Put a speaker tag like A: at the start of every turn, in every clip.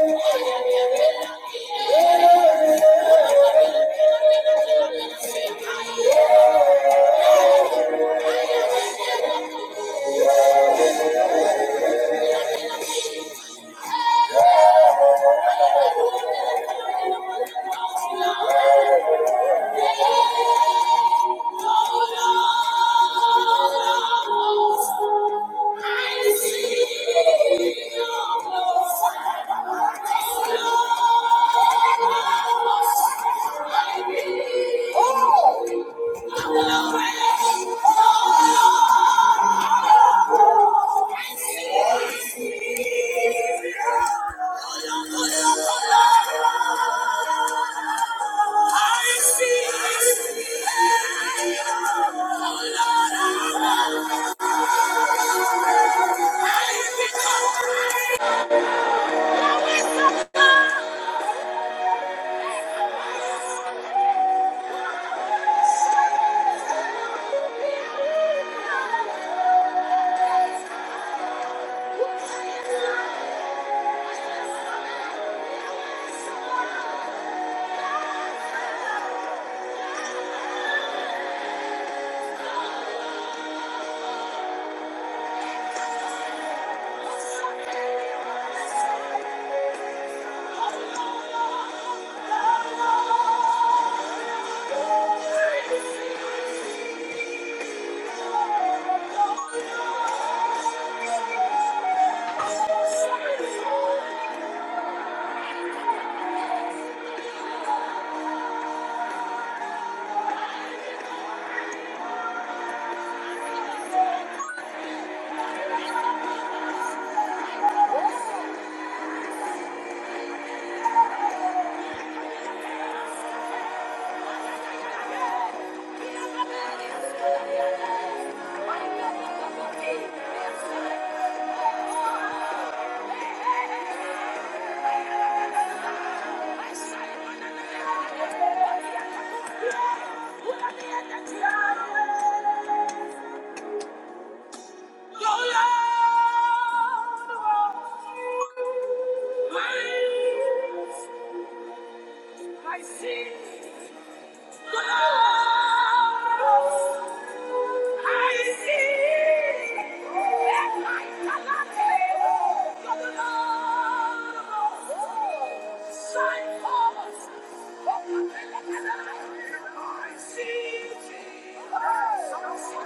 A: Thank you. Oh! no, no, no, no, no. I see. I see. Shine forth. I see thee. I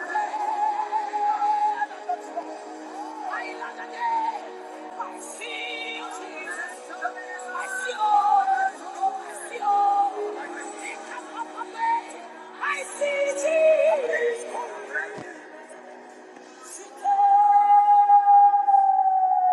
A: see Jesus.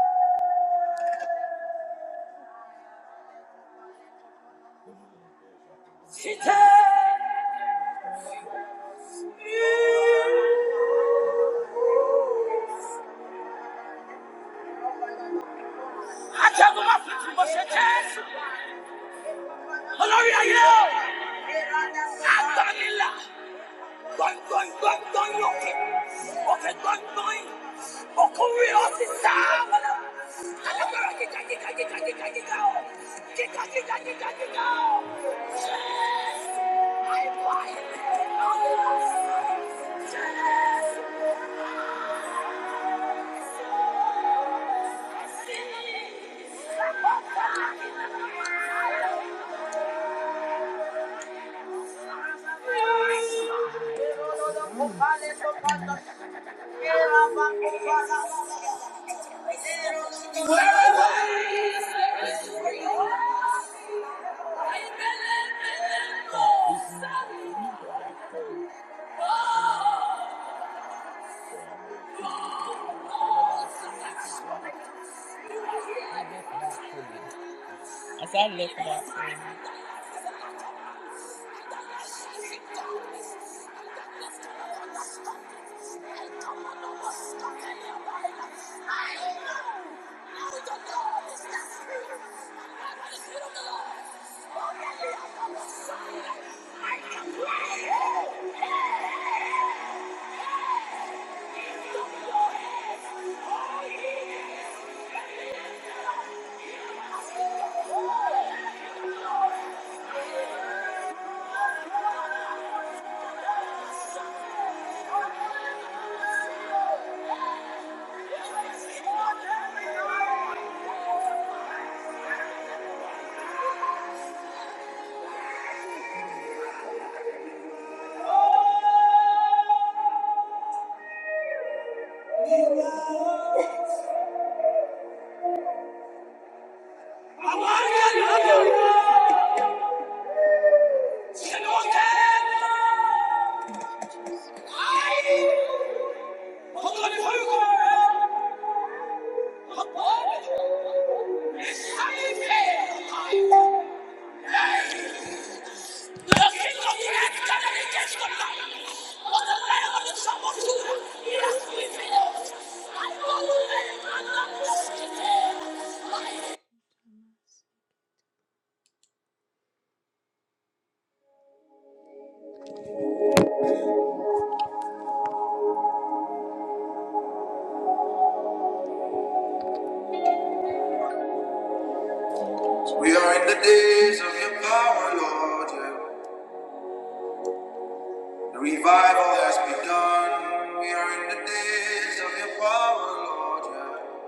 A: She Yes! I said, look at that. Thank you. Yes, we will. I will live. I will We are in the days of your power, Lord. yeah. The revival has begun. We are in the days of your power, Lord. yeah.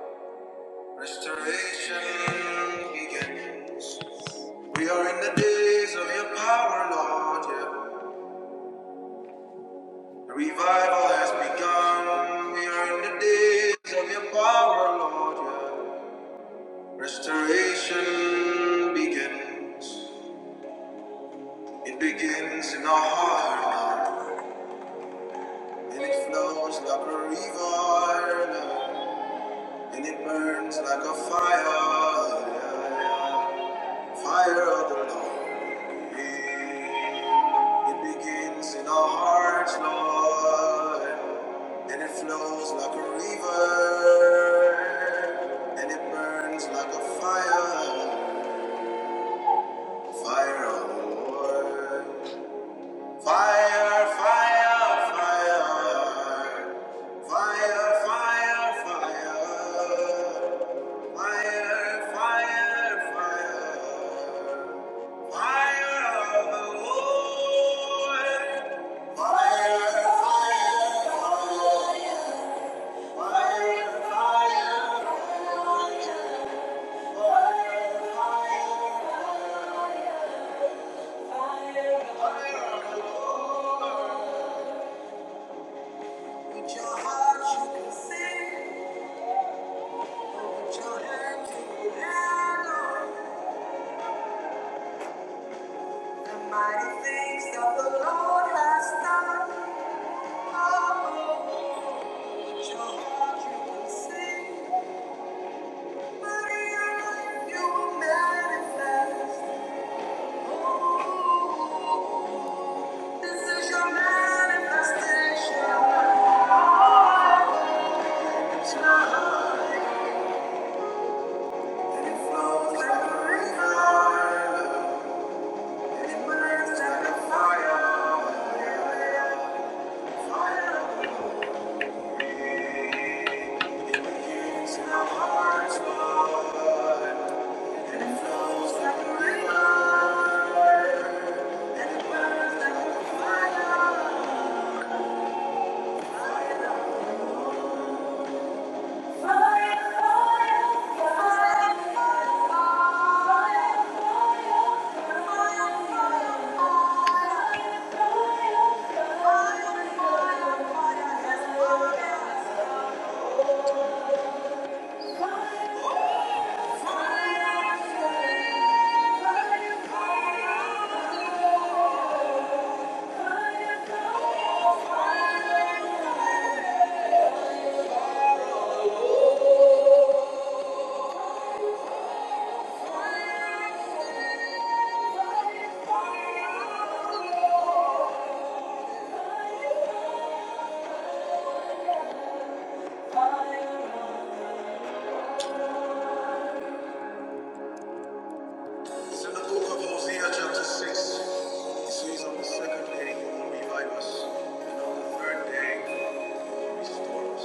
A: Restoration begins. We are in the days of your power, Lord. yeah. The revival has begun. We are in the days of your power, Lord. yeah. Restoration begins. It begins in our heart, Lord. And it flows like a river, and it burns like a fire. Fire of the Lord. It begins in our hearts, Lord. And it flows like a river, and it burns like a fire. Fire of the Lord. Fire, fire, fire. Fire, fire, fire. Fire, fire, fire. Fire of the Lord. Fire, fire, fire. Fire, fire, fire. Fire of the Lord. With your heart you can sing. The the mighty things that the Lord has done. Oh, with your your your heart you you will sing. But in your life you will manifest. Oh, this is your manifestation. it It flows like like river. and it burns like a Fire. Thank you. It's in the book of Hosea, chapter 6. It says, On the second day, he will revive us, and on the third day, he will restore us.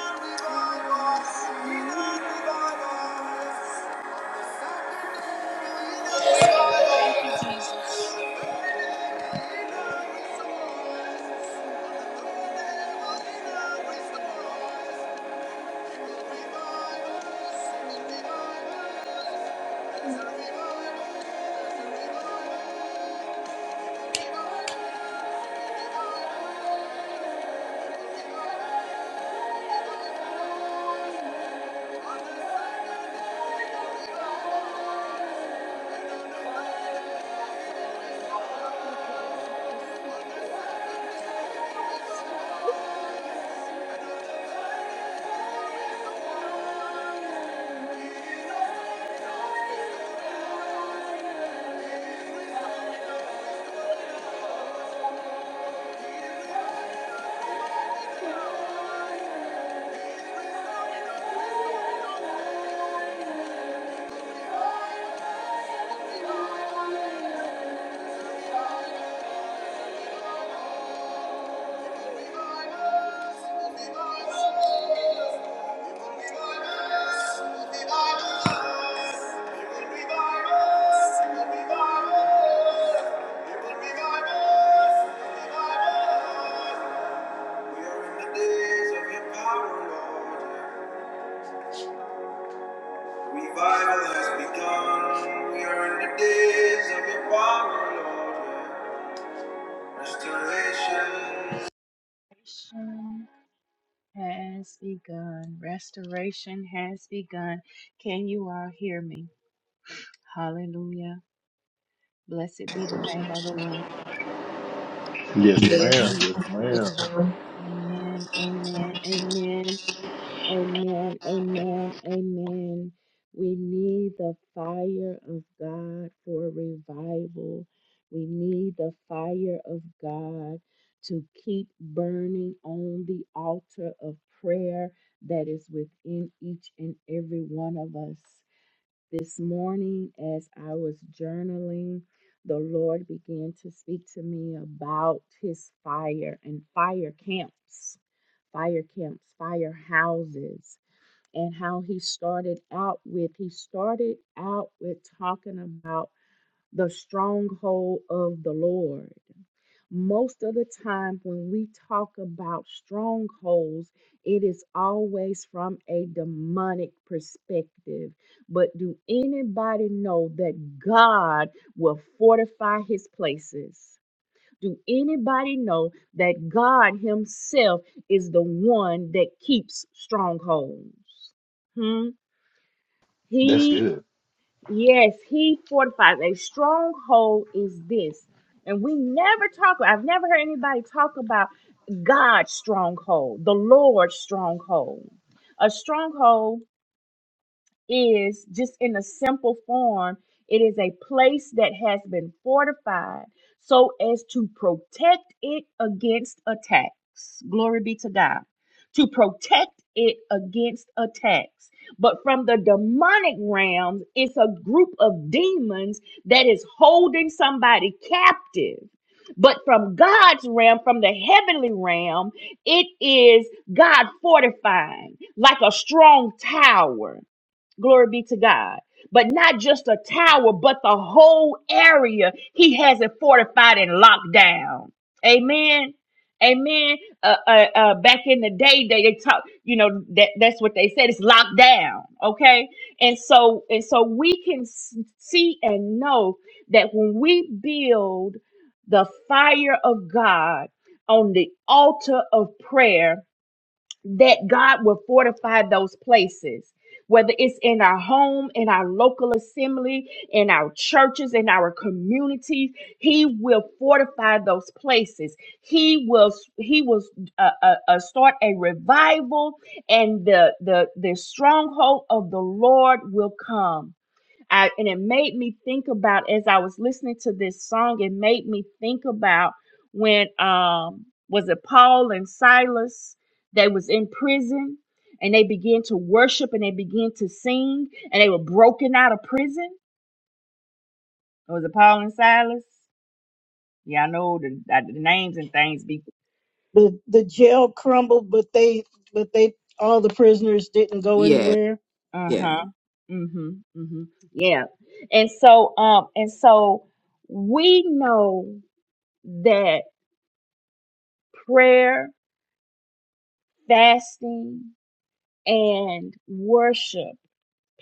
A: Thank you. Thank you. Thank you. Revival has begun. We are in the days of your power, Lord. Restoration Restoration has begun. Restoration has begun. Can you all hear me? Hallelujah. Blessed be the name of the Lord.
B: Yes, ma'am.
C: Yes.
B: Yes, ma'am.
C: Um,
A: Amen. Amen. Amen. Amen. Amen. Amen. We need the fire of God for revival. We need the fire of God to keep burning on the altar of prayer that is within each and every one of us. This morning, as I was journaling, the Lord began to speak to me about his fire and fire camps, fire camps, fire houses, and how he started out with, he started out with talking about the stronghold of the Lord most of the time, when we talk about strongholds, it is always from a demonic perspective. But do anybody know that God will fortify his places? Do anybody know that God Himself is the one that keeps strongholds? Hmm?
B: That's
A: He
B: good.
A: Yes, he fortifies. A stronghold is this. And we never talk, I've never heard anybody talk about God's stronghold, the Lord's stronghold. A stronghold is just in a simple form it is a place that has been fortified so as to protect it against attacks glory be to god to protect it against attacks but from the demonic realms it's a group of demons that is holding somebody captive but from God's realm, from the heavenly realm, it is God fortifying like a strong tower. Glory be to God. But not just a tower, but the whole area. He has it fortified and locked down. Amen. Amen. Uh, uh, uh, back in the day, they, they talk, you know, that, that's what they said. It's locked down. Okay. And so, and so we can s- see and know that when we build the fire of God on the altar of prayer, that God will fortify those places. Whether it's in our home, in our local assembly, in our churches, in our communities, He will fortify those places. He will He will uh, uh, uh, start a revival, and the the the stronghold of the Lord will come. I, and it made me think about as I was listening to this song, it made me think about when um was it Paul and Silas? They was in prison and they began to worship and they began to sing and they were broken out of prison. Was it Paul and Silas? Yeah, I know the, uh, the names and things be
D: the the jail crumbled, but they but they all the prisoners didn't go
E: Yes,
D: anywhere.
A: uh
E: yes.
A: huh. Mm-hmm. Mm-hmm. Yeah. And so um and so we know that prayer, fasting, and worship,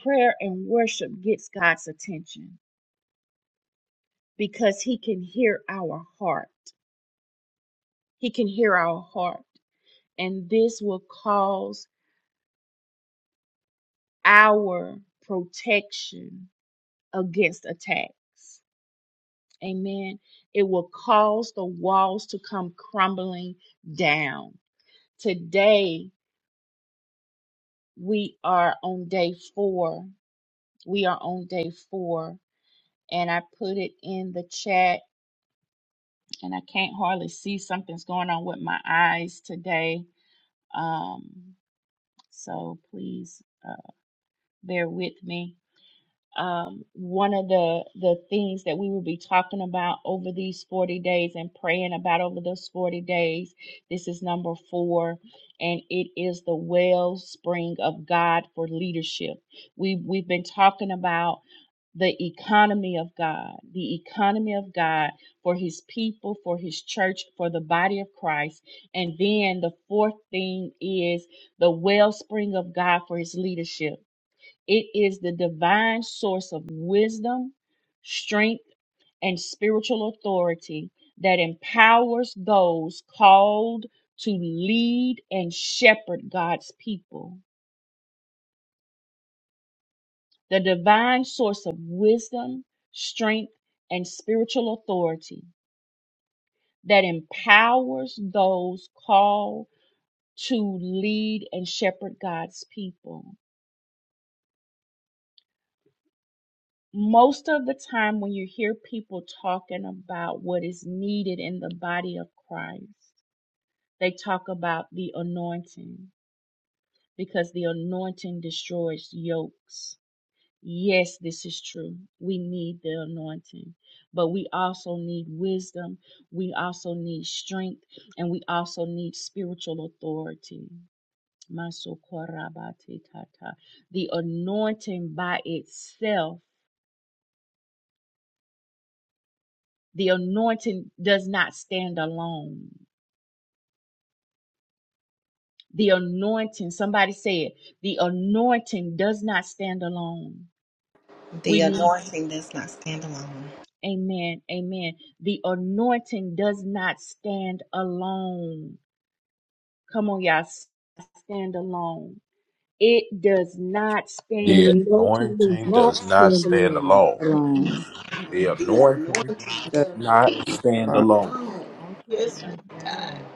A: prayer and worship gets God's attention because he can hear our heart. He can hear our heart. And this will cause our protection against attacks. Amen. It will cause the walls to come crumbling down. Today, we are on day four. We are on day four. And I put it in the chat and I can't hardly see. Something's going on with my eyes today. Um, so please uh, bear with me. Um, one of the the things that we will be talking about over these 40 days and praying about over those 40 days, this is number four, and it is the wellspring of God for leadership. We we've been talking about the economy of God, the economy of God for his people, for his church, for the body of Christ. And then the fourth thing is the wellspring of God for his leadership. It is the divine source of wisdom, strength, and spiritual authority that empowers those called to lead and shepherd God's people. the divine source of wisdom, strength, and spiritual authority that empowers those called to lead and shepherd God's people. Most of the time, when you hear people talking about what is needed in the body of Christ, they talk about the anointing because the anointing destroys yokes Yes, this is true. We need the anointing, but we also need wisdom. We also need strength, and we also need spiritual authority. Masokorabatetata. The anointing by itself, the anointing does not stand alone. The anointing, somebody said, the anointing does not stand alone. We
C: the
A: need,
C: anointing does not stand alone.
A: amen, amen. The anointing does not stand alone Come on, y'all. s- Stand alone. It does not
D: The
A: stand.
B: The
D: anointing is
B: anointing
D: not
B: does not
D: standing
B: stand
D: on.
B: alone.
E: Shalom.
A: Mm-mm,
B: The
C: Lord,
A: mm-mm,
C: the
B: anointing
C: anointing
E: Yes,
C: doesn't
B: not stand
E: shalom.
B: alone.
C: alone.
F: No, you
C: Yes,
F: not
C: Lord.
A: mm-mm,
F: stand alone.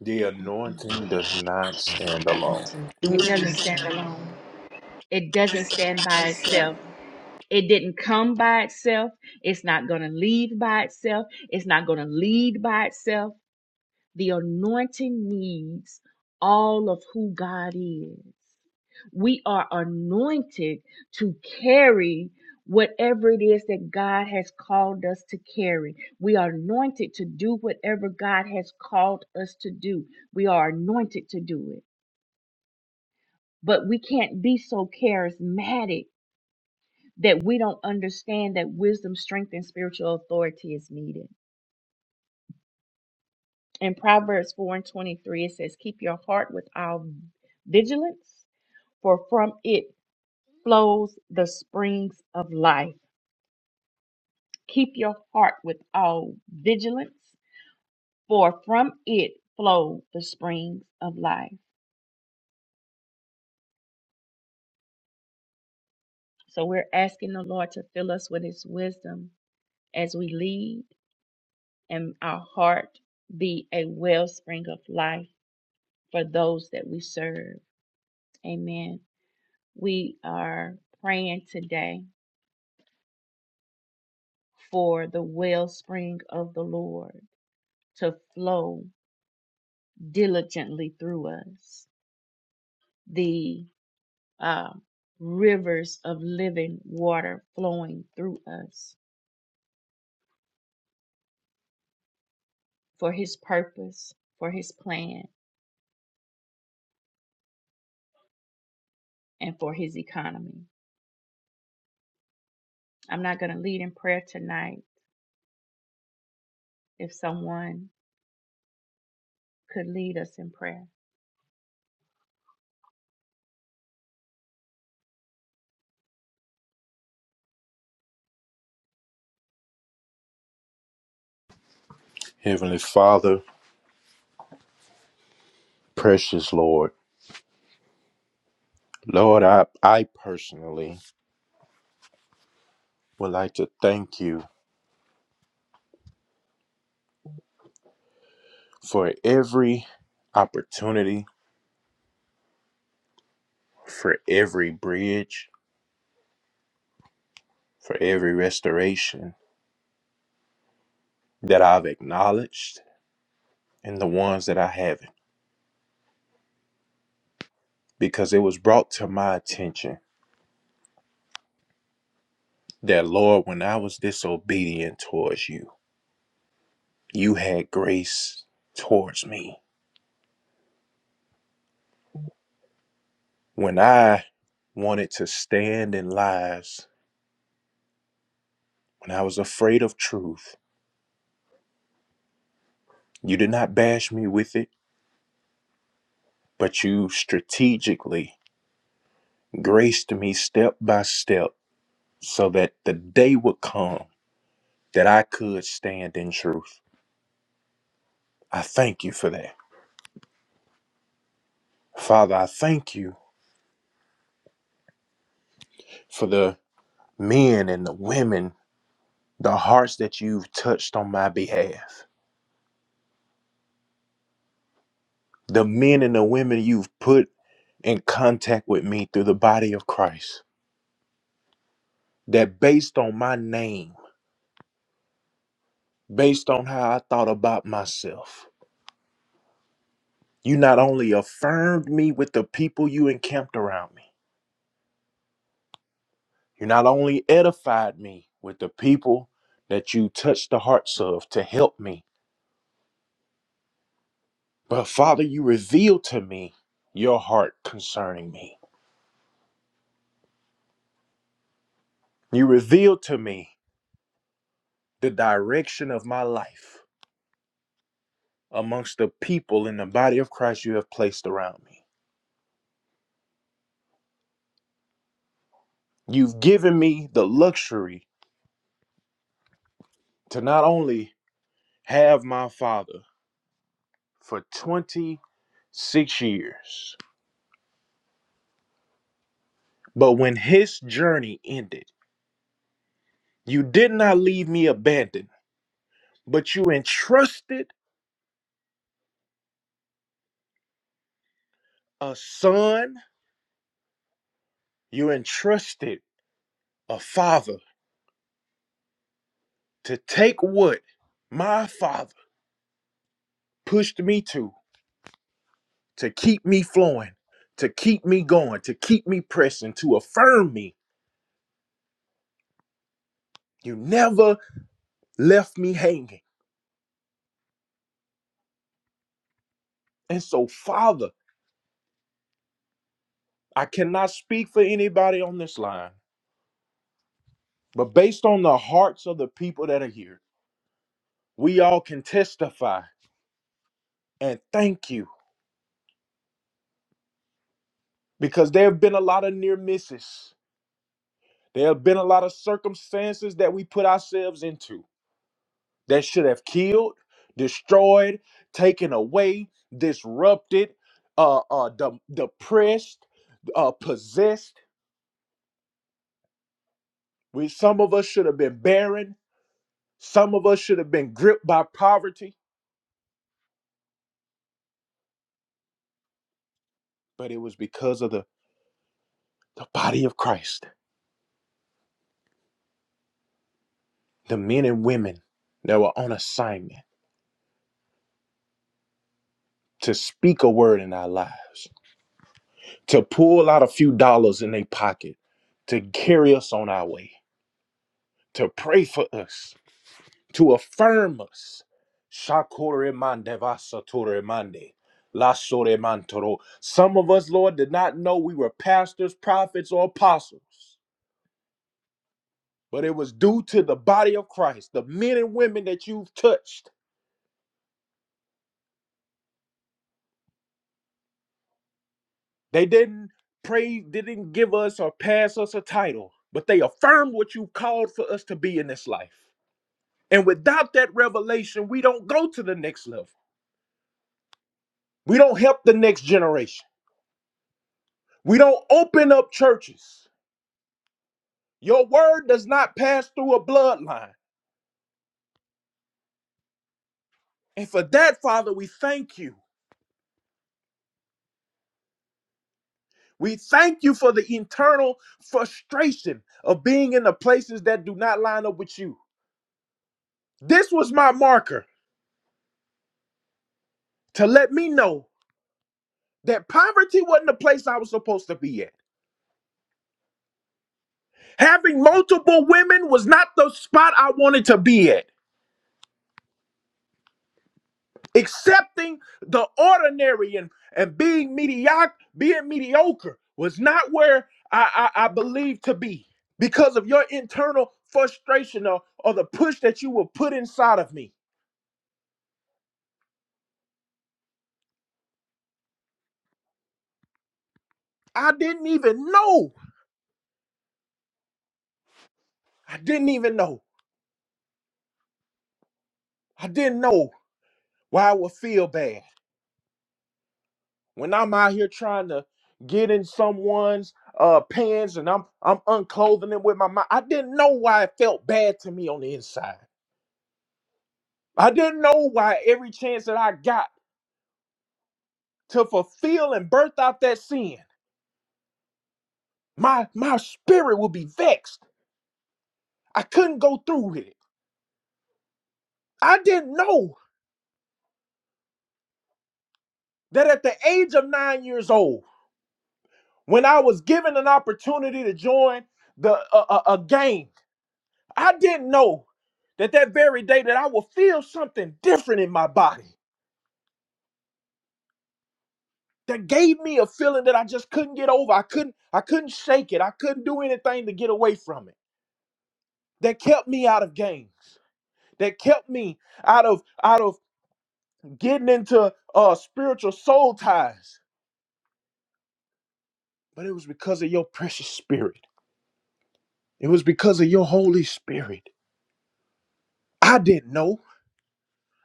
B: The
A: mm-mm.
B: anointing does not stand
C: The
B: alone.
C: anointing
A: It
C: does
A: doesn't stand
C: not
A: alone. It doesn't stand by
C: stand alone. Yes,
A: itself. It didn't come by itself. It's not going to leave by itself. It's not going to lead by itself. The anointing needs all of who God is. We are anointed to carry whatever it is that God has called us to carry. We are anointed to do whatever God has called us to do. We are anointed to do it. But we can't be so charismatic that we don't understand that wisdom, strength, and spiritual authority is needed. In Proverbs 4 and 23, it says, Keep your heart with all vigilance, for from it flows the springs of life Keep your heart with all vigilance, for from it flow the springs of life. So we're asking the Lord to fill us with his wisdom as we lead, and our heart be a wellspring of life for those that we serve. Amen. We are praying today for the wellspring of the Lord to flow diligently through us. The um, rivers of living water flowing through us for his purpose, for his plan, and for his economy. I'm not going to lead in prayer tonight. If someone could lead us in prayer.
B: Heavenly Father, precious Lord, Lord, I, I personally would like to thank you for every opportunity, for every bridge, for every restoration that I've acknowledged and the ones that I haven't, because it was brought to my attention that, Lord, when I was disobedient towards you, you had grace towards me. When I wanted to stand in lies, when I was afraid of truth, you did not bash me with it, but you strategically graced me step by step so that the day would come that I could stand in truth. I thank you for that. Father, I thank you for the men and the women, the hearts that you've touched on my behalf. the men and the women you've put in contact with me through the body of Christ, that based on my name, based on how I thought about myself, you not only affirmed me with the people you encamped around me, you not only edified me with the people that you touched the hearts of to help me, but Father, you revealed to me your heart concerning me. You revealed to me the direction of my life. amongst the people in the body of Christ you have placed around me. You've given me the luxury to not only have my father for 26 years, but when his journey ended, you did not leave me abandoned, but you entrusted a son, you entrusted a father to take what my father pushed me to, to keep me flowing, to keep me going, to keep me pressing, to affirm me You never left me hanging. And so, Father, I cannot speak for anybody on this line, but based on the hearts of the people that are here, we all can testify and thank you because there have been a lot of near misses. There have been a lot of circumstances that we put ourselves into that should have killed, destroyed, taken away, disrupted, uh, uh, de- depressed, uh, possessed. We, some of us should have been barren. Some of us should have been gripped by poverty, but it was because of the, the body of Christ, the men and women that were on assignment to speak a word in our lives, to pull out a few dollars in their pocket, to carry us on our way, to pray for us, to affirm us. Shakore mande vasatore Some of us, Lord, did not know we were pastors, prophets, or apostles. but it was due to the body of Christ, the men and women that you've touched. They didn't pray, they didn't give us or pass us a title, but they affirmed what you called for us to be in this life. And without that revelation, we don't go to the next level. We don't help the next generation. We don't open up churches. Your word does not pass through a bloodline. And for that, Father, we thank you. We thank you for the internal frustration of being in the places that do not line up with you. This was my marker to let me know that poverty wasn't the place I was supposed to be at. Having multiple women was not the spot I wanted to be at. Accepting the ordinary and, and being mediocre, being mediocre was not where I, I, I believed to be because of your internal frustration or, or the push that you were put inside of me. I didn't even know. I didn't even know. I didn't know why I would feel bad. When I'm out here trying to get in someone's uh pants and I'm I'm unclothing them with my mind, I didn't know why it felt bad to me on the inside. I didn't know why every chance that I got to fulfill and birth out that sin, my my spirit would be vexed. I couldn't go through with it. I didn't know that at the age of nine years old, when I was given an opportunity to join the a, a, a gang I didn't know that that very day that I would feel something different in my body that gave me a feeling that I just couldn't get over. I couldn't I couldn't shake it. I couldn't do anything to get away from it. That kept me out of games. That kept me out of out of getting into uh spiritual soul ties. But it was because of your precious spirit. It was because of your Holy Spirit. I didn't know.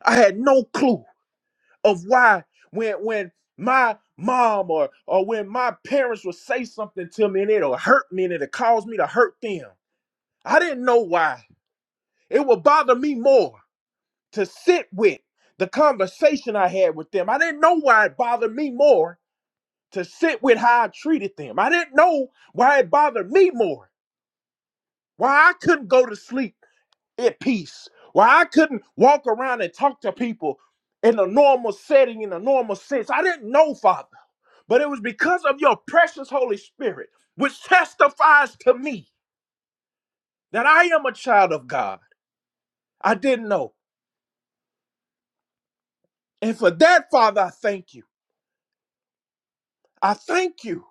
B: I had no clue of why when when my mom or or when my parents would say something to me and it'll hurt me and it'll cause me to hurt them. I didn't know why. It would bother me more to sit with the conversation I had with them. I didn't know why it bothered me more to sit with how I treated them. I didn't know why it bothered me more. Why I couldn't go to sleep at peace. Why I couldn't walk around and talk to people in a normal setting, in a normal sense. I didn't know, Father. but it was because of your precious Holy Spirit, which testifies to me that I am a child of God. I didn't know. And for that, Father, I thank you. I thank you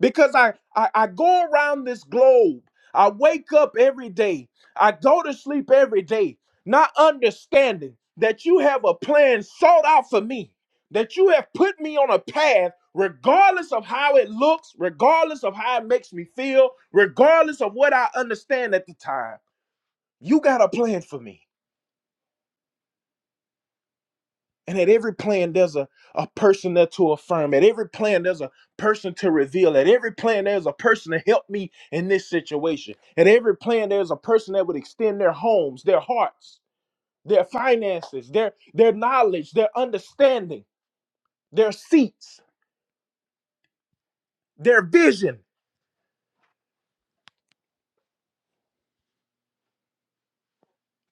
B: because I, I, I go around this globe. I wake up every day. I go to sleep every day, not understanding that you have a plan sought out for me, that you have put me on a path, regardless of how it looks, regardless of how it makes me feel, regardless of what I understand at the time. you got a plan for me. And at every plan, there's a, a person there to affirm. At every plan, there's a person to reveal. At every plan, there's a person to help me in this situation. At every plan, there's a person that would extend their homes, their hearts, their finances, their, their knowledge, their understanding, their seats, their vision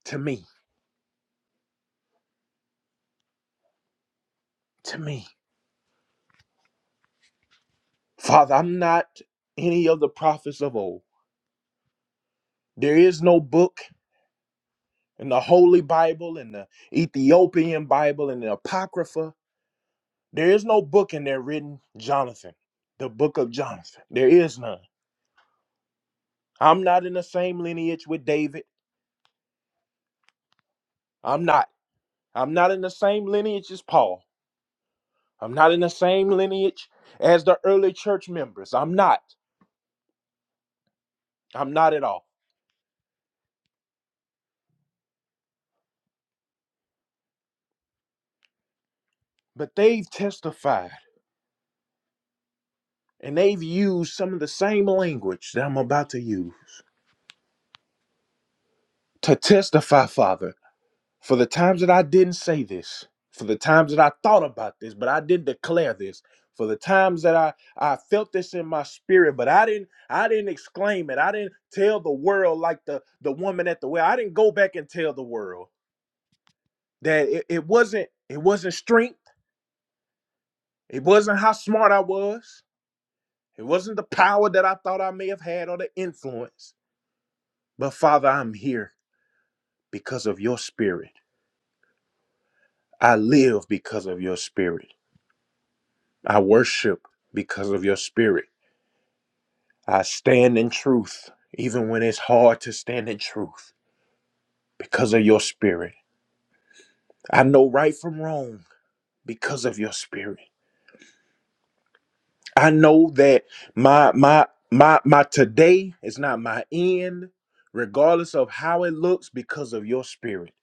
B: to me. To me. Father, I'm not any of the prophets of old. There is no book in the Holy Bible, in the Ethiopian Bible, in the Apocrypha There is no book in there written Jonathan, the book of Jonathan. There is none. I'm not in the same lineage with David. I'm not. I'm not in the same lineage as Paul. I'm not in the same lineage as the early church members. I'm not. I'm not at all. But they've testified and they've used some of the same language that I'm about to use to testify, Father. For the times that I didn't say this, for the times that I thought about this, but I didn't declare this, for the times that I, I felt this in my spirit, but I didn't I didn't exclaim it. I didn't tell the world like the the woman at the well. I didn't go back and tell the world that it, it wasn't it wasn't strength. It wasn't how smart I was. It wasn't the power that I thought I may have had or the influence. But Father, I'm here because of your spirit. I live because of your spirit. I worship because of your spirit. I stand in truth, even when it's hard to stand in truth, because of your spirit. I know right from wrong because of your spirit. I know that my my my my today is not my end, regardless of how it looks, because of your spirit.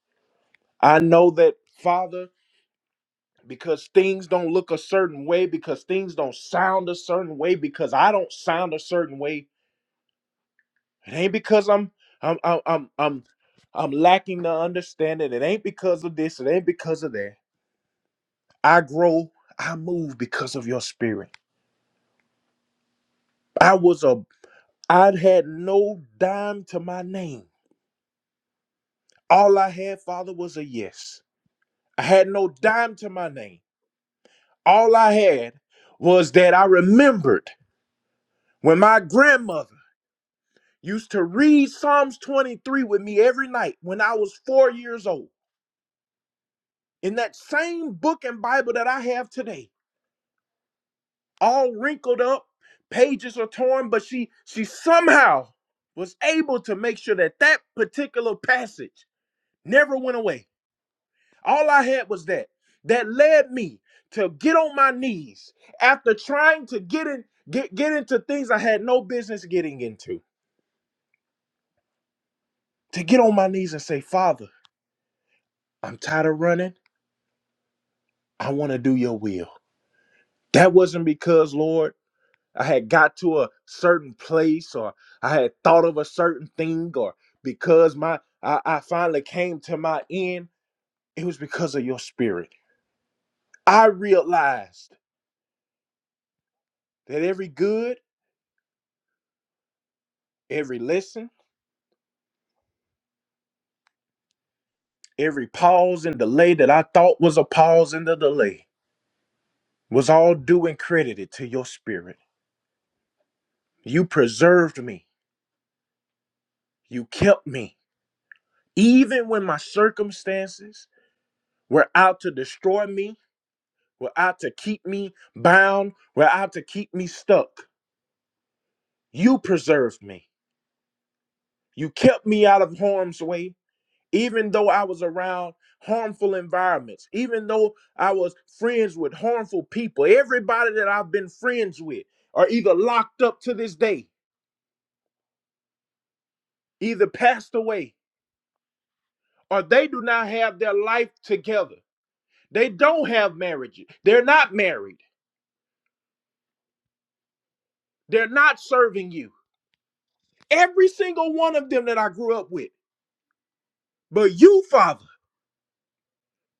B: I know that, Father, because things don't look a certain way, because things don't sound a certain way, because I don't sound a certain way, It ain't because I'm I'm I'm I'm I'm, I'm lacking the understanding. It ain't because of this. It ain't because of that. I grow. I move because of your spirit. I was a. I had no dime to my name. All I had, Father, was a yes. I had no dime to my name. All I had was that I remembered when my grandmother used to read Psalms 23 with me every night when I was four years old. In that same book and Bible that I have today, all wrinkled up pages are torn but she she somehow was able to make sure that that particular passage never went away all i had was that that led me to get on my knees after trying to get in get, get into things i had no business getting into to get on my knees and say father i'm tired of running i want to do your will that wasn't because lord I had got to a certain place or I had thought of a certain thing or because my I, I finally came to my end, it was because of your spirit. I realized that every good, every lesson, every pause and delay that I thought was a pause and a delay was all due and credited to your spirit. You preserved me. You kept me. Even when my circumstances were out to destroy me, were out to keep me bound, were out to keep me stuck. You preserved me. You kept me out of harm's way, even though I was around harmful environments, even though I was friends with harmful people. Everybody that I've been friends with are either locked up to this day, either passed away, or they do not have their life together. They don't have marriages. They're not married. They're not serving you. Every single one of them that I grew up with. But you, Father,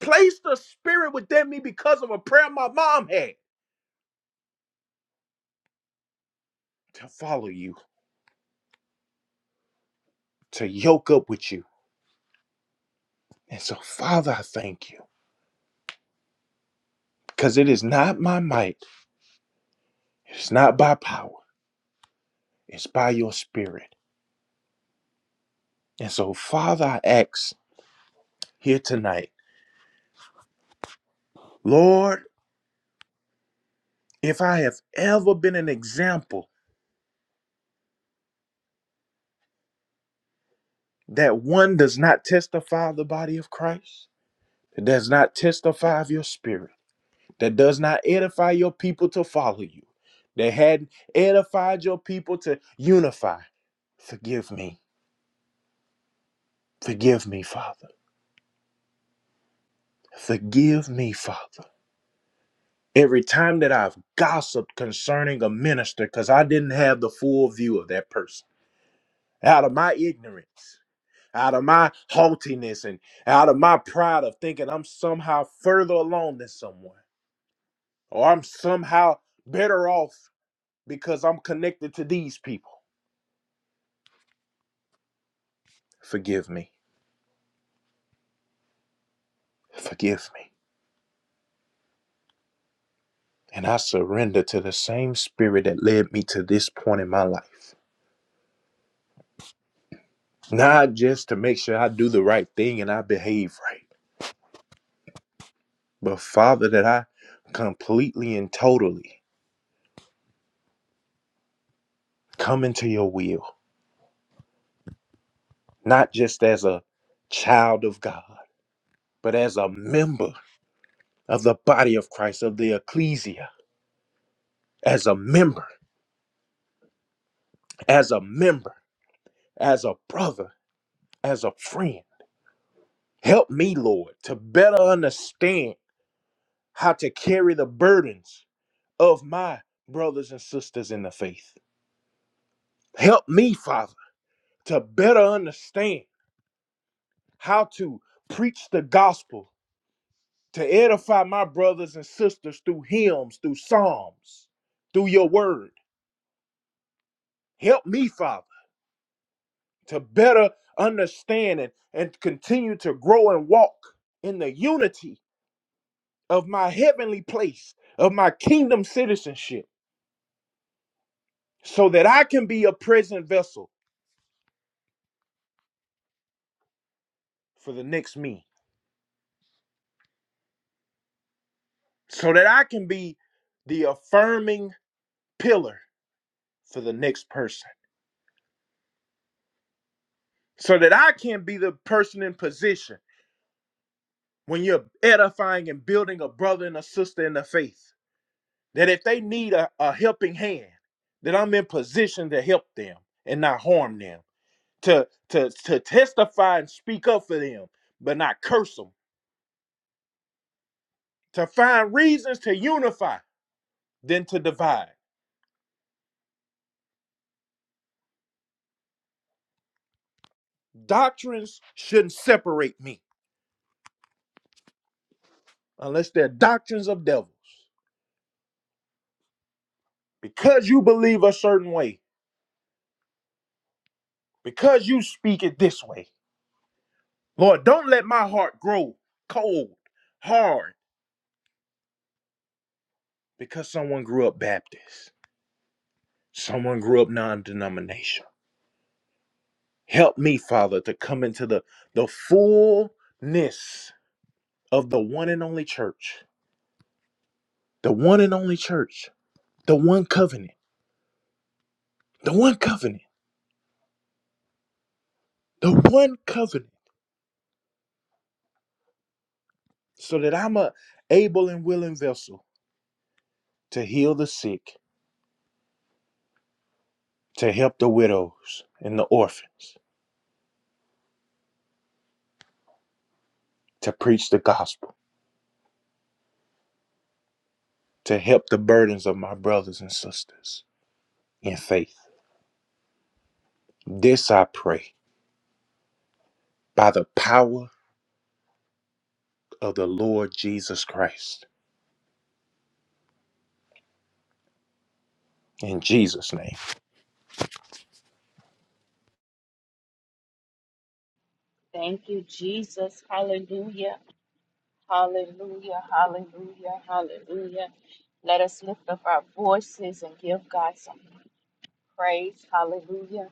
B: Place the spirit within me because of a prayer my mom had to follow you, to yoke up with you. And so, Father, I thank you because it is not my might, it's not by power, it's by your spirit. And so, Father, I ask here tonight, Lord, if I have ever been an example that one does not testify of the body of Christ, that does not testify of your spirit. that does not edify your people to follow you, that hadn't edified your people to unify. Forgive me. Forgive me, Father. Forgive me, Father. Every time that I've gossiped concerning a minister because I didn't have the full view of that person, out of my ignorance, out of my haughtiness, and out of my pride of thinking I'm somehow further along than someone, or I'm somehow better off because I'm connected to these people. Forgive me. Forgive me. And I surrender to the same spirit that led me to this point in my life. Not just to make sure I do the right thing and I behave right, but Father, that I completely and totally come into your will, not just as a child of God, but as a member of the body of Christ, of the ecclesia, as a member, as a member, as a brother, as a friend. Help me, Lord, to better understand. how to carry the burdens of my brothers and sisters in the faith. Help me, Father, to better understand how to preach the gospel, to edify my brothers and sisters through hymns, through psalms, through your word. Help me, Father, to better understand and, and continue to grow and walk in the unity of my heavenly place, of my kingdom citizenship, so that I can be a present vessel for the next me. so that I can be the affirming pillar for the next person, so that I can be the person in position when you're edifying and building a brother and a sister in the faith. That if they need a, a helping hand, that I'm in position to help them and not harm them, to, to, to testify and speak up for them, but not curse them, to find reasons to unify than to divide. Doctrines shouldn't separate me unless they're doctrines of devils. because you believe a certain way, because you speak it this way. Lord, don't let my heart grow cold, hard, because someone grew up Baptist, someone grew up non denomination. Help me, Father, to come into the, the fullness of the one and only church, the one and only church, the one covenant, the one covenant, the one covenant, so that I'm a able and willing vessel to heal the sick, to help the widows and the orphans to preach the gospel, to help the burdens of my brothers and sisters in faith. This I pray by the power of the Lord Jesus Christ. In Jesus' name.
A: Thank you, Jesus. Hallelujah. Hallelujah. Hallelujah. Hallelujah. Let us lift up our voices and give God some praise. Hallelujah.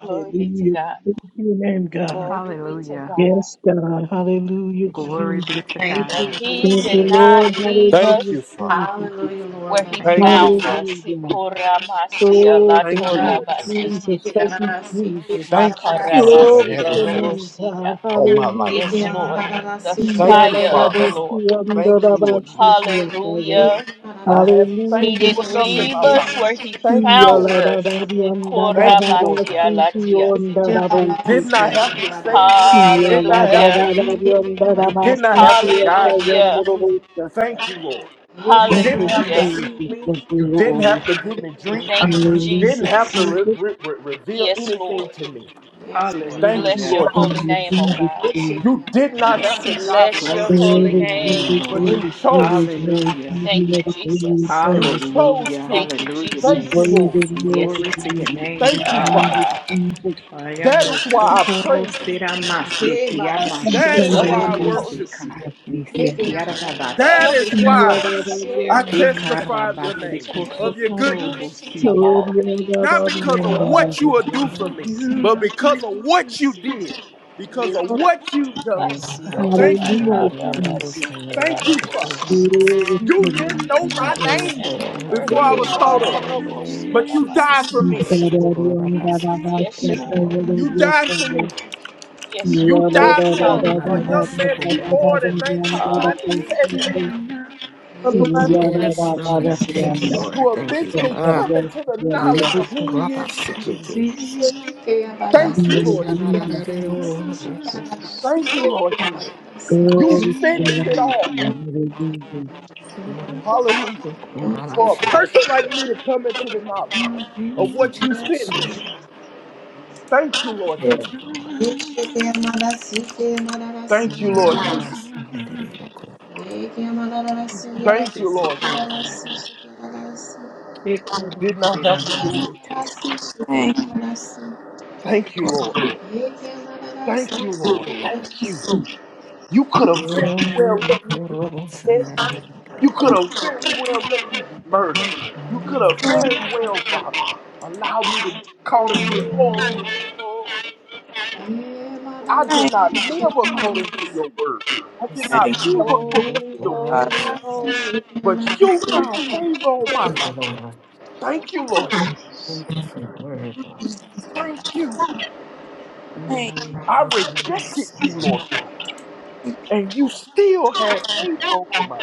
A: Glory be to God.
D: Thank you, name God.
A: Glory be to
G: Hallelujah.
A: God.
D: Yes, God. Hallelujah,
G: Glory be
D: Jesus.
G: to
C: Thank
A: that
C: you,
G: God.
A: he
D: Thank you,
A: did
C: Jesus.
D: Lord.
A: not leave
B: Thank
D: Hallelujah,
B: you,
A: us
B: Father.
D: Jesus.
C: Hallelujah,
A: where
C: Lord
A: he
G: Thank
B: Thank
G: you,
B: you,
A: found
G: Lord.
B: Father.
A: us.
D: Hallelujah.
A: Sikoramasi
D: Oh,
B: Thank
D: thank
B: you,
D: you,
B: Lord Jesus.
A: alatorabasi
D: Jesus.
G: One
A: titi
D: Thank you, Jesus.
B: Thank you, Father, for
D: Glory to
A: makarabasi
B: having
D: your
B: favor
D: name,
A: lorobosia.
D: God.
B: on my life.
A: Yes,
D: Hallelujah.
A: Lord,
G: second.
A: the
B: Thank you,
A: fire of
B: Father.
A: the Lord.
B: Thank
G: Glory
B: you,
G: to your
B: Lord
G: name,
B: Jesus.
G: God.
D: Yalababosiandalabasikiasaya.
A: Hallelujah.
B: I haven't
A: He
B: thanked
D: Hallelujah,
B: you
A: didn't
B: enough in
A: leave
B: my
D: Jesus.
B: life.
A: us where he
B: But Thank you,
A: found
B: Lord.
A: us.
B: Thank you, Lord
A: Sikorabasi
B: God.
A: alatia sitopo.
B: You did
D: Yalalalalariandadadabasitiyondadabosite.
B: not have to save me. You did not have
A: Hallelujah.
B: to
C: Yes,
B: lead me. You did not have to guide me into
A: Hallelujah.
B: truth.
D: Yalalalalariandadamasitiyatayendarobosa.
B: Thank you, Lord. You
D: Thank you,
B: didn't have to
A: Hallelujah.
B: feed
D: Jesus.
B: me.
D: Thank you,
B: You didn't
D: Lord.
B: have to give me drink.
A: Thank you,
B: You didn't
D: Hallelujah,
B: have to
A: Jesus.
B: re-
D: Jesus.
B: re- re- reveal
A: Yes,
B: anything
A: Lord.
B: to me.
C: Lord God.
B: Thank you,
A: Bless
G: Hallelujah.
A: your
B: Lord
A: holy
B: Jesus.
A: name, oh
D: Hallelujah,
A: God.
B: You
D: Jesus.
B: did not have to die for
A: Bless
B: me,
A: your
G: Glory to
A: holy
G: your
D: Glory,
A: name.
G: name,
D: glory,
B: but
G: Lord.
B: you
D: glory,
B: chose
D: glory,
B: to.
G: Hallelujah.
A: Thank
D: glory. To You know
A: you,
D: the glory and
A: Jesus.
B: You
D: praise.
B: chose
G: Hallelujah.
B: to.
A: Thank you,
G: Hallelujah,
D: You're
B: Thank you,
A: Jesus.
G: Jesus.
B: Lord.
D: worthy, Lord.
A: Yes,
D: You're
G: Glory
A: God.
G: to your
D: worthy.
G: name,
B: Thank you,
G: Father.
B: Father.
D: Hallelujah,
A: Ah,
D: Jesus.
B: That
G: Ayamo
B: is why I
G: socorro
B: praise you.
G: sera maseti ama
A: we
B: That is
D: Hallelujah.
G: shotoro
A: welcome
B: why I
A: you, Holy
B: worship
G: bosika.
B: you.
A: Spirit.
G: Misekiara
B: That
G: rabasia.
B: is
A: Welcome you,
B: why.
A: Holy
B: I
A: Spirit,
B: testify of your name,
A: to
G: Ikarabasiko
B: of
A: bring
B: your
G: sotoro
B: goodness,
A: unity to
G: bosia.
A: all things.
B: not because of
A: Sikor,
B: what you will
A: ah,
B: do for
G: Lord,
B: me,
G: you
A: si,
B: but
G: are
A: ala,
B: because of
G: good.
B: what you
A: si,
B: did, because of what you've done.
H: Yes,
A: si,
G: Lord,
H: God,
G: you
H: thank
B: Thank
H: you,
B: you,
G: are
H: God.
B: Lord.
H: In the
G: good.
H: other
A: si,
H: ocean, that it
A: la,
B: Thank
A: ra,
H: even
B: you,
H: was
B: Father.
H: your words.
G: Lord, you
B: You didn't
G: are
A: in
B: know
G: good.
B: my
A: heaven
H: Yes,
B: name
A: and
H: Lord,
A: on
H: have
A: earth.
H: your
B: before
G: You've
B: I
H: way,
B: was thought
H: Father,
B: of,
H: in the
G: never
H: name of
B: but you
G: been a
B: died
H: Jesus.
G: good.
B: for me.
H: Mashakura
G: Can't
H: Rabasa,
G: thank
A: Yes,
G: you
H: Editor.
A: Lord.
B: You
G: enough
B: died for me.
A: Yes,
G: for
B: You
A: Lord.
G: all
B: died
G: you
B: for
G: in
B: a
A: Hallelujah.
G: my
B: young
G: life.
B: man to be
H: Nananamashakura
B: born in
H: Rabasa.
G: Can't thank
B: 1997
A: Hallelujah.
G: you enough,
A: Thank
H: Yes,
A: you,
H: Lord,
G: even
H: I
G: if
H: thank you,
A: Jesus.
H: Lord. I
B: to
G: I
H: thank you, Lord.
B: eventually
H: Ah,
B: come
G: try.
B: into the
H: me
B: knowledge of
G: 'cause
A: Yes,
B: who
A: God.
B: he
H: ukuraba
A: Thank
B: is
A: you,
B: in you.
G: You've
H: sikete.
A: Jesus.
G: been
B: Thank you, Lord Jesus.
G: so
A: Thank you,
G: good.
H: Makangararararororokokora.
A: Jesus.
B: Thank you, Lord Jesus.
G: You've
H: Thank
B: You
A: Yes,
H: you,
D: Glory to
A: Lord.
B: finished
G: been
H: Spirit.
B: it
D: the
B: all.
D: Lord. Hallelujah.
A: Thank
G: so
A: you,
G: good.
B: Hallelujah.
A: Lord. We give it
H: Mananerikuraba
A: to
B: For
C: Thank
B: a
C: you.
H: shada.
A: God.
B: person like me to come into the knowledge
G: You've
B: of
H: Thank you,
B: what you
G: been
C: Yes,
H: Jesus.
B: finished. Thank you, Lord
G: so
H: Thank
E: Yes.
B: Jesus.
H: you, Lord.
G: good.
H: Thank
B: Thank you,
H: you, Lord.
B: Lord Jesus. Thank you,
G: Yakosita
B: Lord Jesus.
G: Rabasada.
B: You
G: Ekoro
B: did not
G: Sira
B: have to do it.
G: Masita.
E: Thank
B: Thank
E: you,
B: you, Lord. Thank you, Lord. Thank you. You could have very well let me get possessed. You could have very well let me be murdered. You could have
E: Lord.
B: very well, Father, allowed me to get caught in the
A: Holy,
B: fold.
A: holy, holy,
B: I
A: Lord
B: did
E: Thank,
B: not
A: God
B: live
A: Almighty.
B: according to your word. I did not
E: thank
B: live according to
A: Holy,
B: your principle.
E: God.
A: holy, holy.
B: But you found favor on my life.
A: Thank
B: Thank
A: you,
B: you, Lord. Jesus.
A: Jesus.
H: Thank you for your word, Lord. Thank you.
B: Thank you.
H: And the
E: Thank
H: mighty name
B: I
H: of the Lord,
B: rejected you,
H: Sunday.
B: Lord
E: you.
B: God, and you still had favor over my life.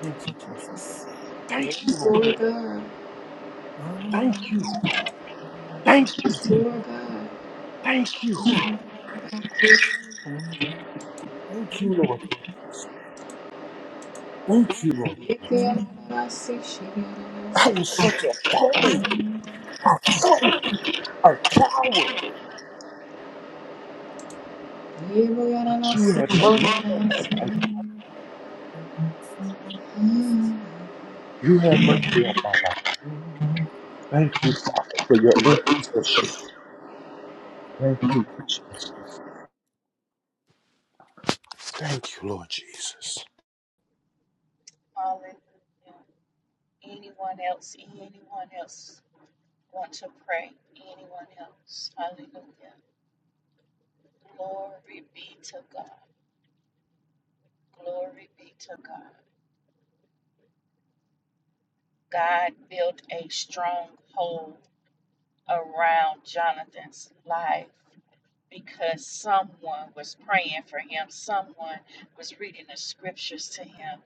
H: Thank you, Jesus.
B: Thank you, Lord. Thank you.
H: Hallelujah.
B: Thank you. Thank you. Thank you, Lord. Thank you, Lord. I was such a bully, a fool, a coward. But you had mercy on my life. You had mercy on
H: Hallelujah.
B: my life. Thank you, Father, for your intercession. Thank you, Lord Jesus. Thank you, Lord Jesus.
A: Hallelujah. Anyone else? Anyone else want to pray? Anyone else? Hallelujah. Glory be to God. Glory be to God. God built a stronghold around Jonathan's life because someone was praying for him, someone was reading the scriptures to him.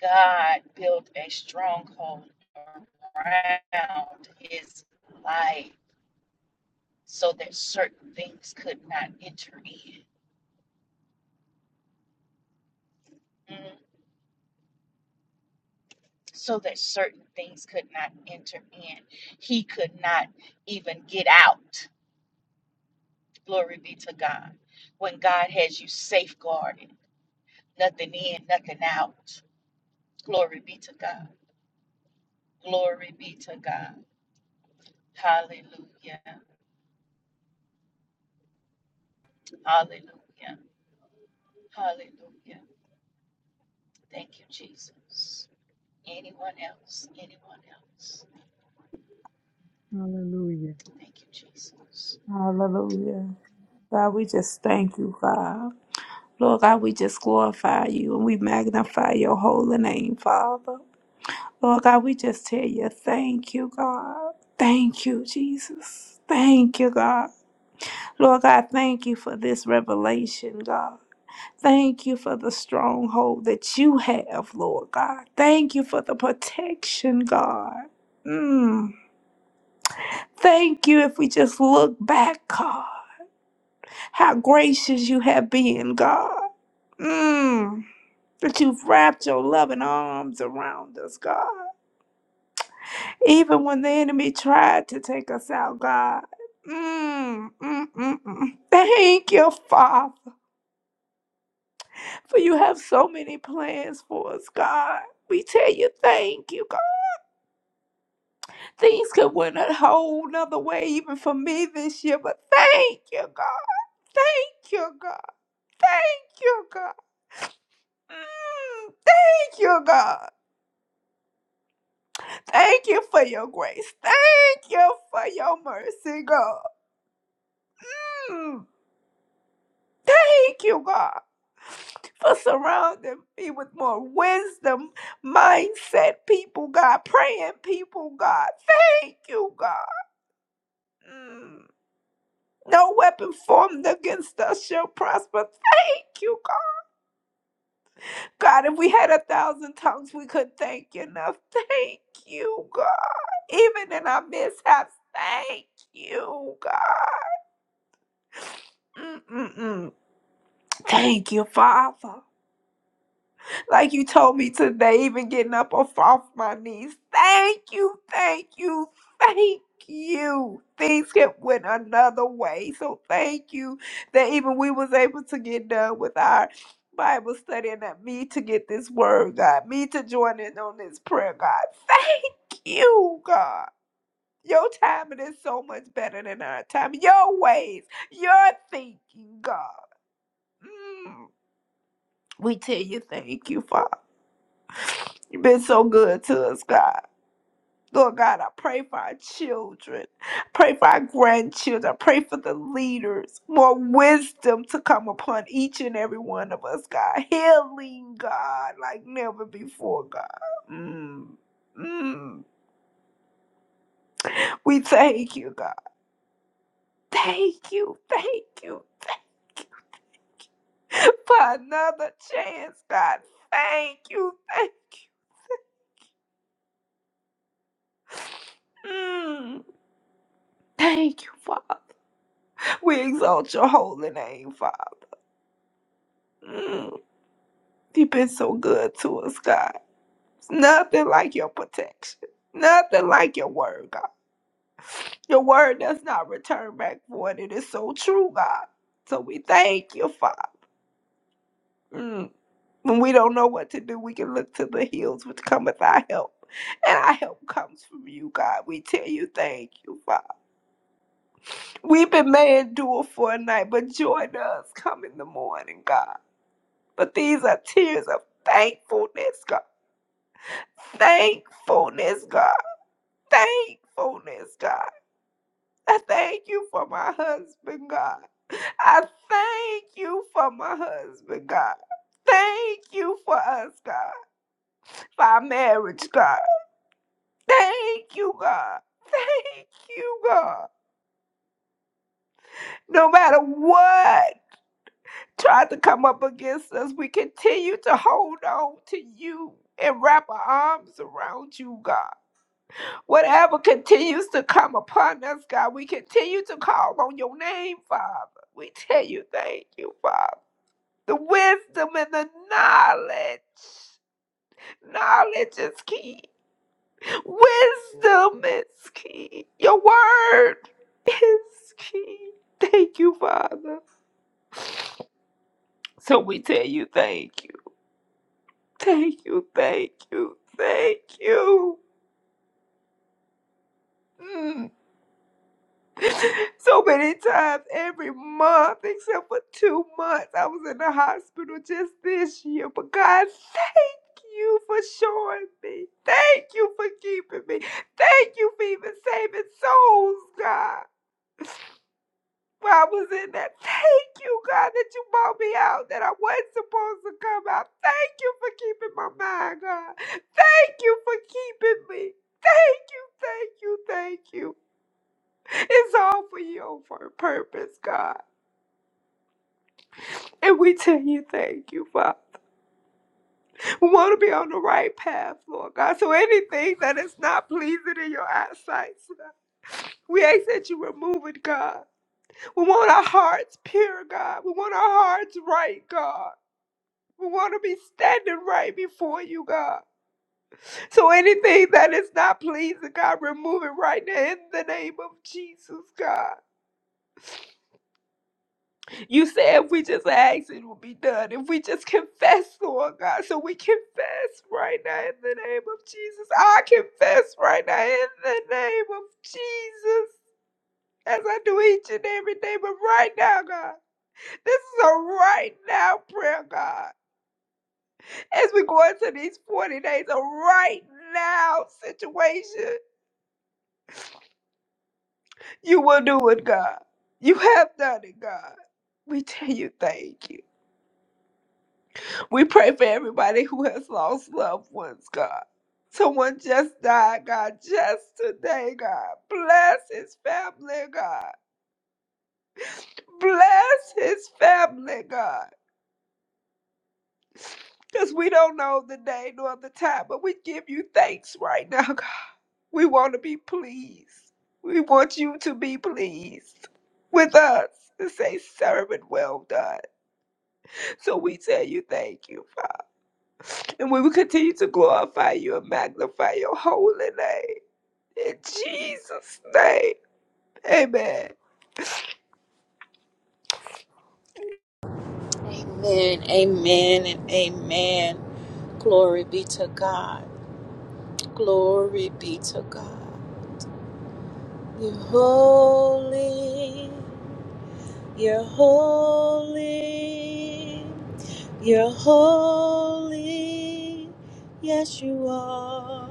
A: God built a stronghold around his life so that certain things could not enter in. Mm, so that certain things could not enter in. He could not even get out. Glory be to God. When God has you safeguarded, nothing in, nothing out. Glory be to God. Glory be to God. Hallelujah. Hallelujah. Hallelujah. Thank you, Jesus. Anyone else? Anyone else?
F: Hallelujah.
A: Thank you, Jesus.
E: Hallelujah. God, we just thank you, God. Lord God, we just glorify you and we magnify your holy name, Father. Lord God, we just tell you thank you, God. Thank you, Jesus. Thank you, God. Lord God, thank you for this revelation, God. Thank you for the stronghold that you have, Lord God. Thank you for the protection, God. Mm. Thank you if we just look back, God, how gracious you have been, God. Mm. That you've wrapped your loving arms around us, God. Even when the enemy tried to take us out, God. Mm, mm, mm, mm. Thank you, Father, for you have so many plans for us, God. We tell you thank you, God. Things could went a whole nother way even for me this year, but thank you, God. Thank you, God. Thank you, God. Mm, thank you, God. Thank you for your grace. Thank you for your mercy, God. Mm, thank you, God, for surrounding me with more wisdom, mindset people, God, praying people, God. Thank you, God. Mm, no weapon formed against us shall prosper. Thank you, God, if we had a thousand tongues, we could thank you enough. Thank you, God. Even in our mishaps, thank you, God. Mm-mm-mm. Thank you, Father. Like you told me today, even getting up off, off my knees. Thank you, thank you, thank you. Things kept went another way. So thank you that even we was able to get done with our Bible study and that me to get this word, God, me to join in on this prayer, God. Thank you, God. Your timing is so much better than our time. Your ways, your thinking, God. Mm. We tell you thank you, Father. You've been so good to us, God. Lord God, I pray for our children. Pray for our grandchildren. Pray for the leaders. More wisdom to come upon each and every one of us, God. Healing, God, like never before, God. Mm. Mm. We thank you, God. Thank you. Thank you. Thank you for another chance, God. Thank you. Thank you. Mm. Thank you, Father. We exalt your holy name, Father. Mm, you've been so good to us, God. It's nothing like your protection. Nothing like your word, God. Your word does not return back void. It is so true, God. So we thank you, Father. Mm. When we don't know what to do, we can look to the hills which cometh our help. And our help comes from you, God. We tell you thank you, Father. Weeping may endure for a night, but joy does come in the morning, God. But these are tears of thankfulness, God thankfulness, God. thankfulness, God. I thank you for my husband, God. I thank you for my husband, God. Thank you for us, God. For our marriage, God. Thank you, God. Thank you, God. No matter what tried to come up against us, we continue to hold on to you and wrap our arms around you, God. Whatever continues to come upon us, God, we continue to call on your name, Father. We tell you thank you, Father. The wisdom and the knowledge. Knowledge is key. Wisdom is key. Your word is key. Thank you, Father. So we tell you thank you. Thank you, thank you, thank you. Mm. so many times every month, except for two months. I was in the hospital just this year. But God, thank you for showing me. Thank you for keeping me. Thank you for even saving souls, God. While I was in that, thank you, God, that you brought me out, that I wasn't supposed to come out. Thank you for keeping my mind, God. Thank you for keeping me. Thank you, thank you, thank you. It's all for your purpose, God. And we tell you thank you, Father. We want to be on the right path, Lord God. So anything that is not pleasing in your eyesight, Lord, we ask that you remove it, God. We want our hearts pure, God. We want our hearts right, God. We want to be standing right before you, God. So anything that is not pleasing, God, remove it right now in the name of Jesus, God. You said if we just ask, it will be done. If we just confess, Lord God. So we confess right now in the name of Jesus. I confess right now in the name of Jesus. As I do each and every day, but right now, God, this is a right now prayer, God. As we go into these 40 days, a right now situation, you will do it, God. You have done it, God. We tell you thank you. We pray for everybody who has lost loved ones, God. Someone just died, God, just today, God. Bless his family, God. Bless his family, God. Because we don't know the day nor the time, but we give you thanks right now, God. We want to be pleased. We want you to be pleased with us and say, Servant, well done. So we tell you thank you, Father. And we will continue to glorify you and magnify your holy name. In Jesus' name, amen.
A: Amen, amen, and amen. Glory be to God. Glory be to God. You're holy, you're holy, you're holy, yes, you are.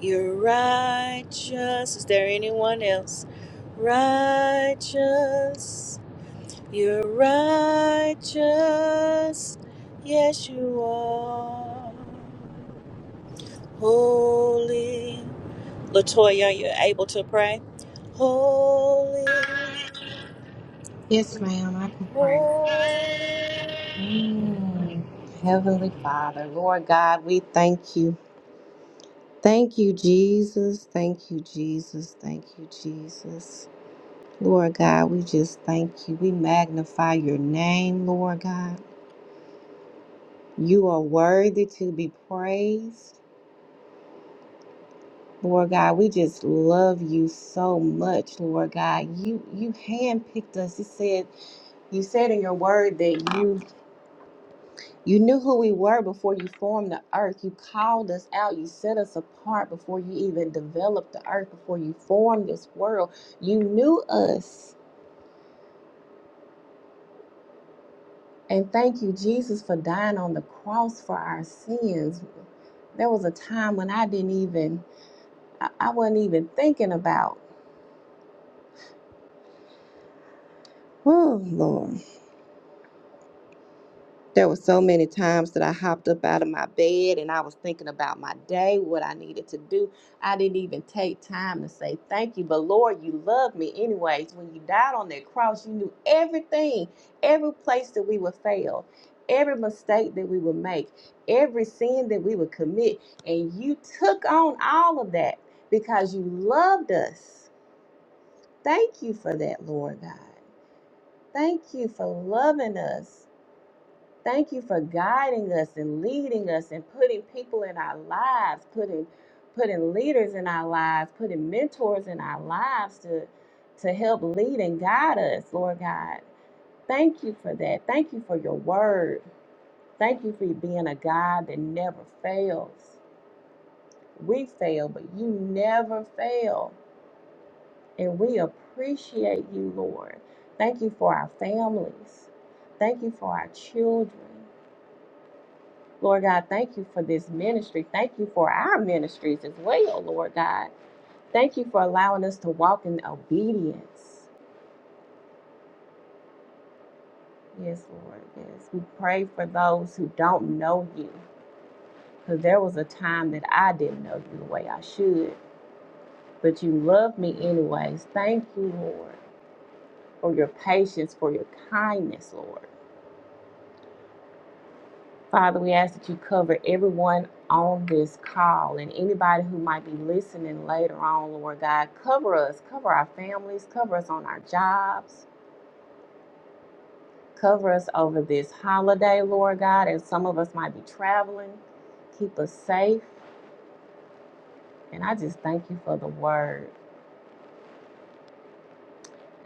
A: You're righteous. Is there anyone else? Righteous, you're righteous, yes, you are. Holy, Latoya, you are able to pray? Holy.
C: Yes, ma'am, I can pray. Mm. Heavenly Father, Lord God, we thank you. Thank you, Jesus. Thank you, Jesus. Thank you, Jesus. Lord God, we just thank you. We magnify your name, Lord God. You are worthy to be praised. Lord God, we just love you so much, Lord God. You you handpicked us. You said you said in your word that you You knew who we were before you formed the earth. You called us out. You set us apart before you even developed the earth, before you formed this world. You knew us. And thank you, Jesus, for dying on the cross for our sins. There was a time when I didn't even, I, I wasn't even thinking about, oh, Lord. There were so many times that I hopped up out of my bed and I was thinking about my day, what I needed to do. I didn't even take time to say thank you, but Lord, you love me anyways. When you died on that cross, you knew everything, every place that we would fail, every mistake that we would make, every sin that we would commit, and you took on all of that because you loved us. Thank you for that, Lord God. Thank you for loving us Thank you for guiding us and leading us and putting people in our lives, putting putting leaders in our lives, putting mentors in our lives to to help lead and guide us, Lord God. Thank you for that. Thank you for your word. Thank you for being a God that never fails. We fail, but you never fail. And we appreciate you, Lord. Thank you for our families. Thank you for our children. Lord God, thank you for this ministry. Thank you for our ministries as well, Lord God. Thank you for allowing us to walk in obedience. Yes, Lord. Yes. We pray for those who don't know you because there was a time that I didn't know you the way I should, but you love me anyways. Thank you, Lord, for your patience, for your kindness, Lord. Father, we ask that you cover everyone on this call and anybody who might be listening later on, Lord God. Cover us, cover our families, cover us on our jobs, cover us over this holiday, Lord God, as some of us might be traveling. Keep us safe. And I just thank you for the word.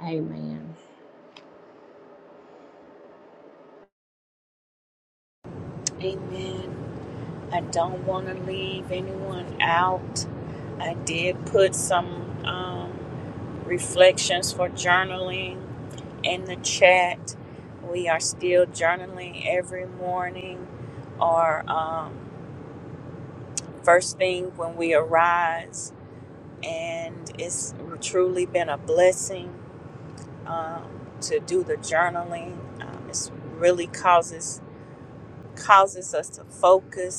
C: Amen.
A: Amen. I don't want to leave anyone out. I did put some um, reflections for journaling in the chat. We are still journaling every morning or um, first thing when we arise, and it's truly been a blessing to do the journaling. It's constant focus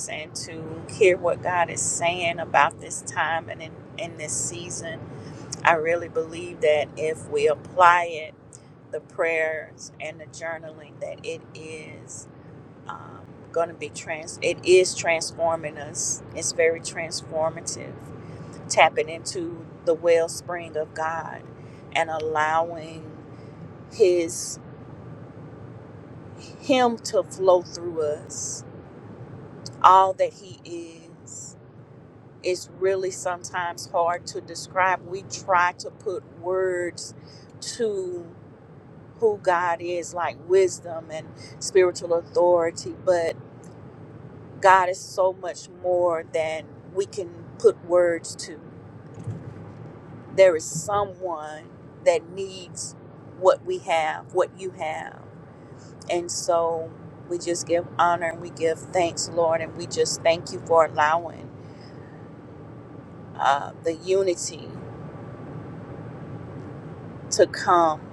A: hear what God is saying about this time and in, in this season. I really believe that if we apply it, the prayers and the journaling, that it is um, going to be trans. It is transforming us. It's very transformative. Tapping into the wellspring of God and allowing His Him to flow through us. All that He is it's really sometimes hard to describe. We try to put words to who God is, like wisdom and spiritual authority, but God is so much more than we can put words to. There is someone that needs what we have, what you have. And so we just give honor and we give thanks, Lord, and we just thank you for allowing uh, the unity to come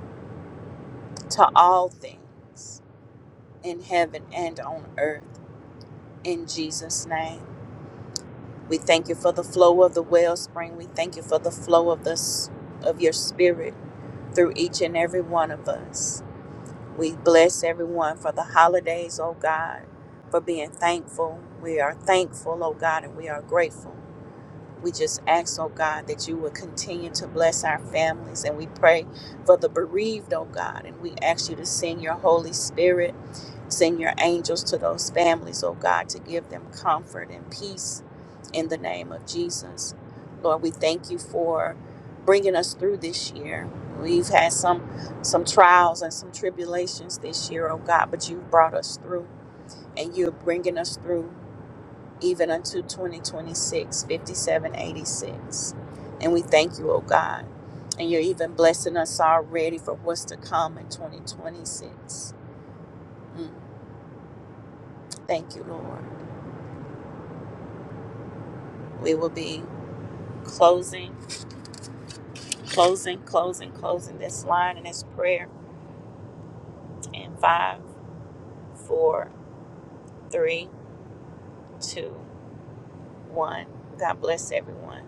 A: to all things in heaven and on earth. In Jesus' name, we thank you for the flow of the wellspring. We thank you for the flow of the of your Spirit through each and every one of us. We bless everyone for the holidays, oh God, for being thankful. We are thankful, oh God, and we are grateful We just ask, oh God, that you would continue to bless our families. And we pray for the bereaved, oh God. And we ask you to send your Holy Spirit, send your angels to those families, oh God, to give them comfort and peace in the name of Jesus. Lord, we thank you for bringing us through this year. We've had some some trials and some tribulations this year, oh God, but you've brought us through and you're bringing us through even unto twenty twenty six fifty seven eighty six, And we thank you, oh God. And you're even blessing us already for what's to come in 2026. Mm, thank you, Lord. We will be closing, closing, closing, closing this line and this prayer in five, four, three, two, one. God bless everyone.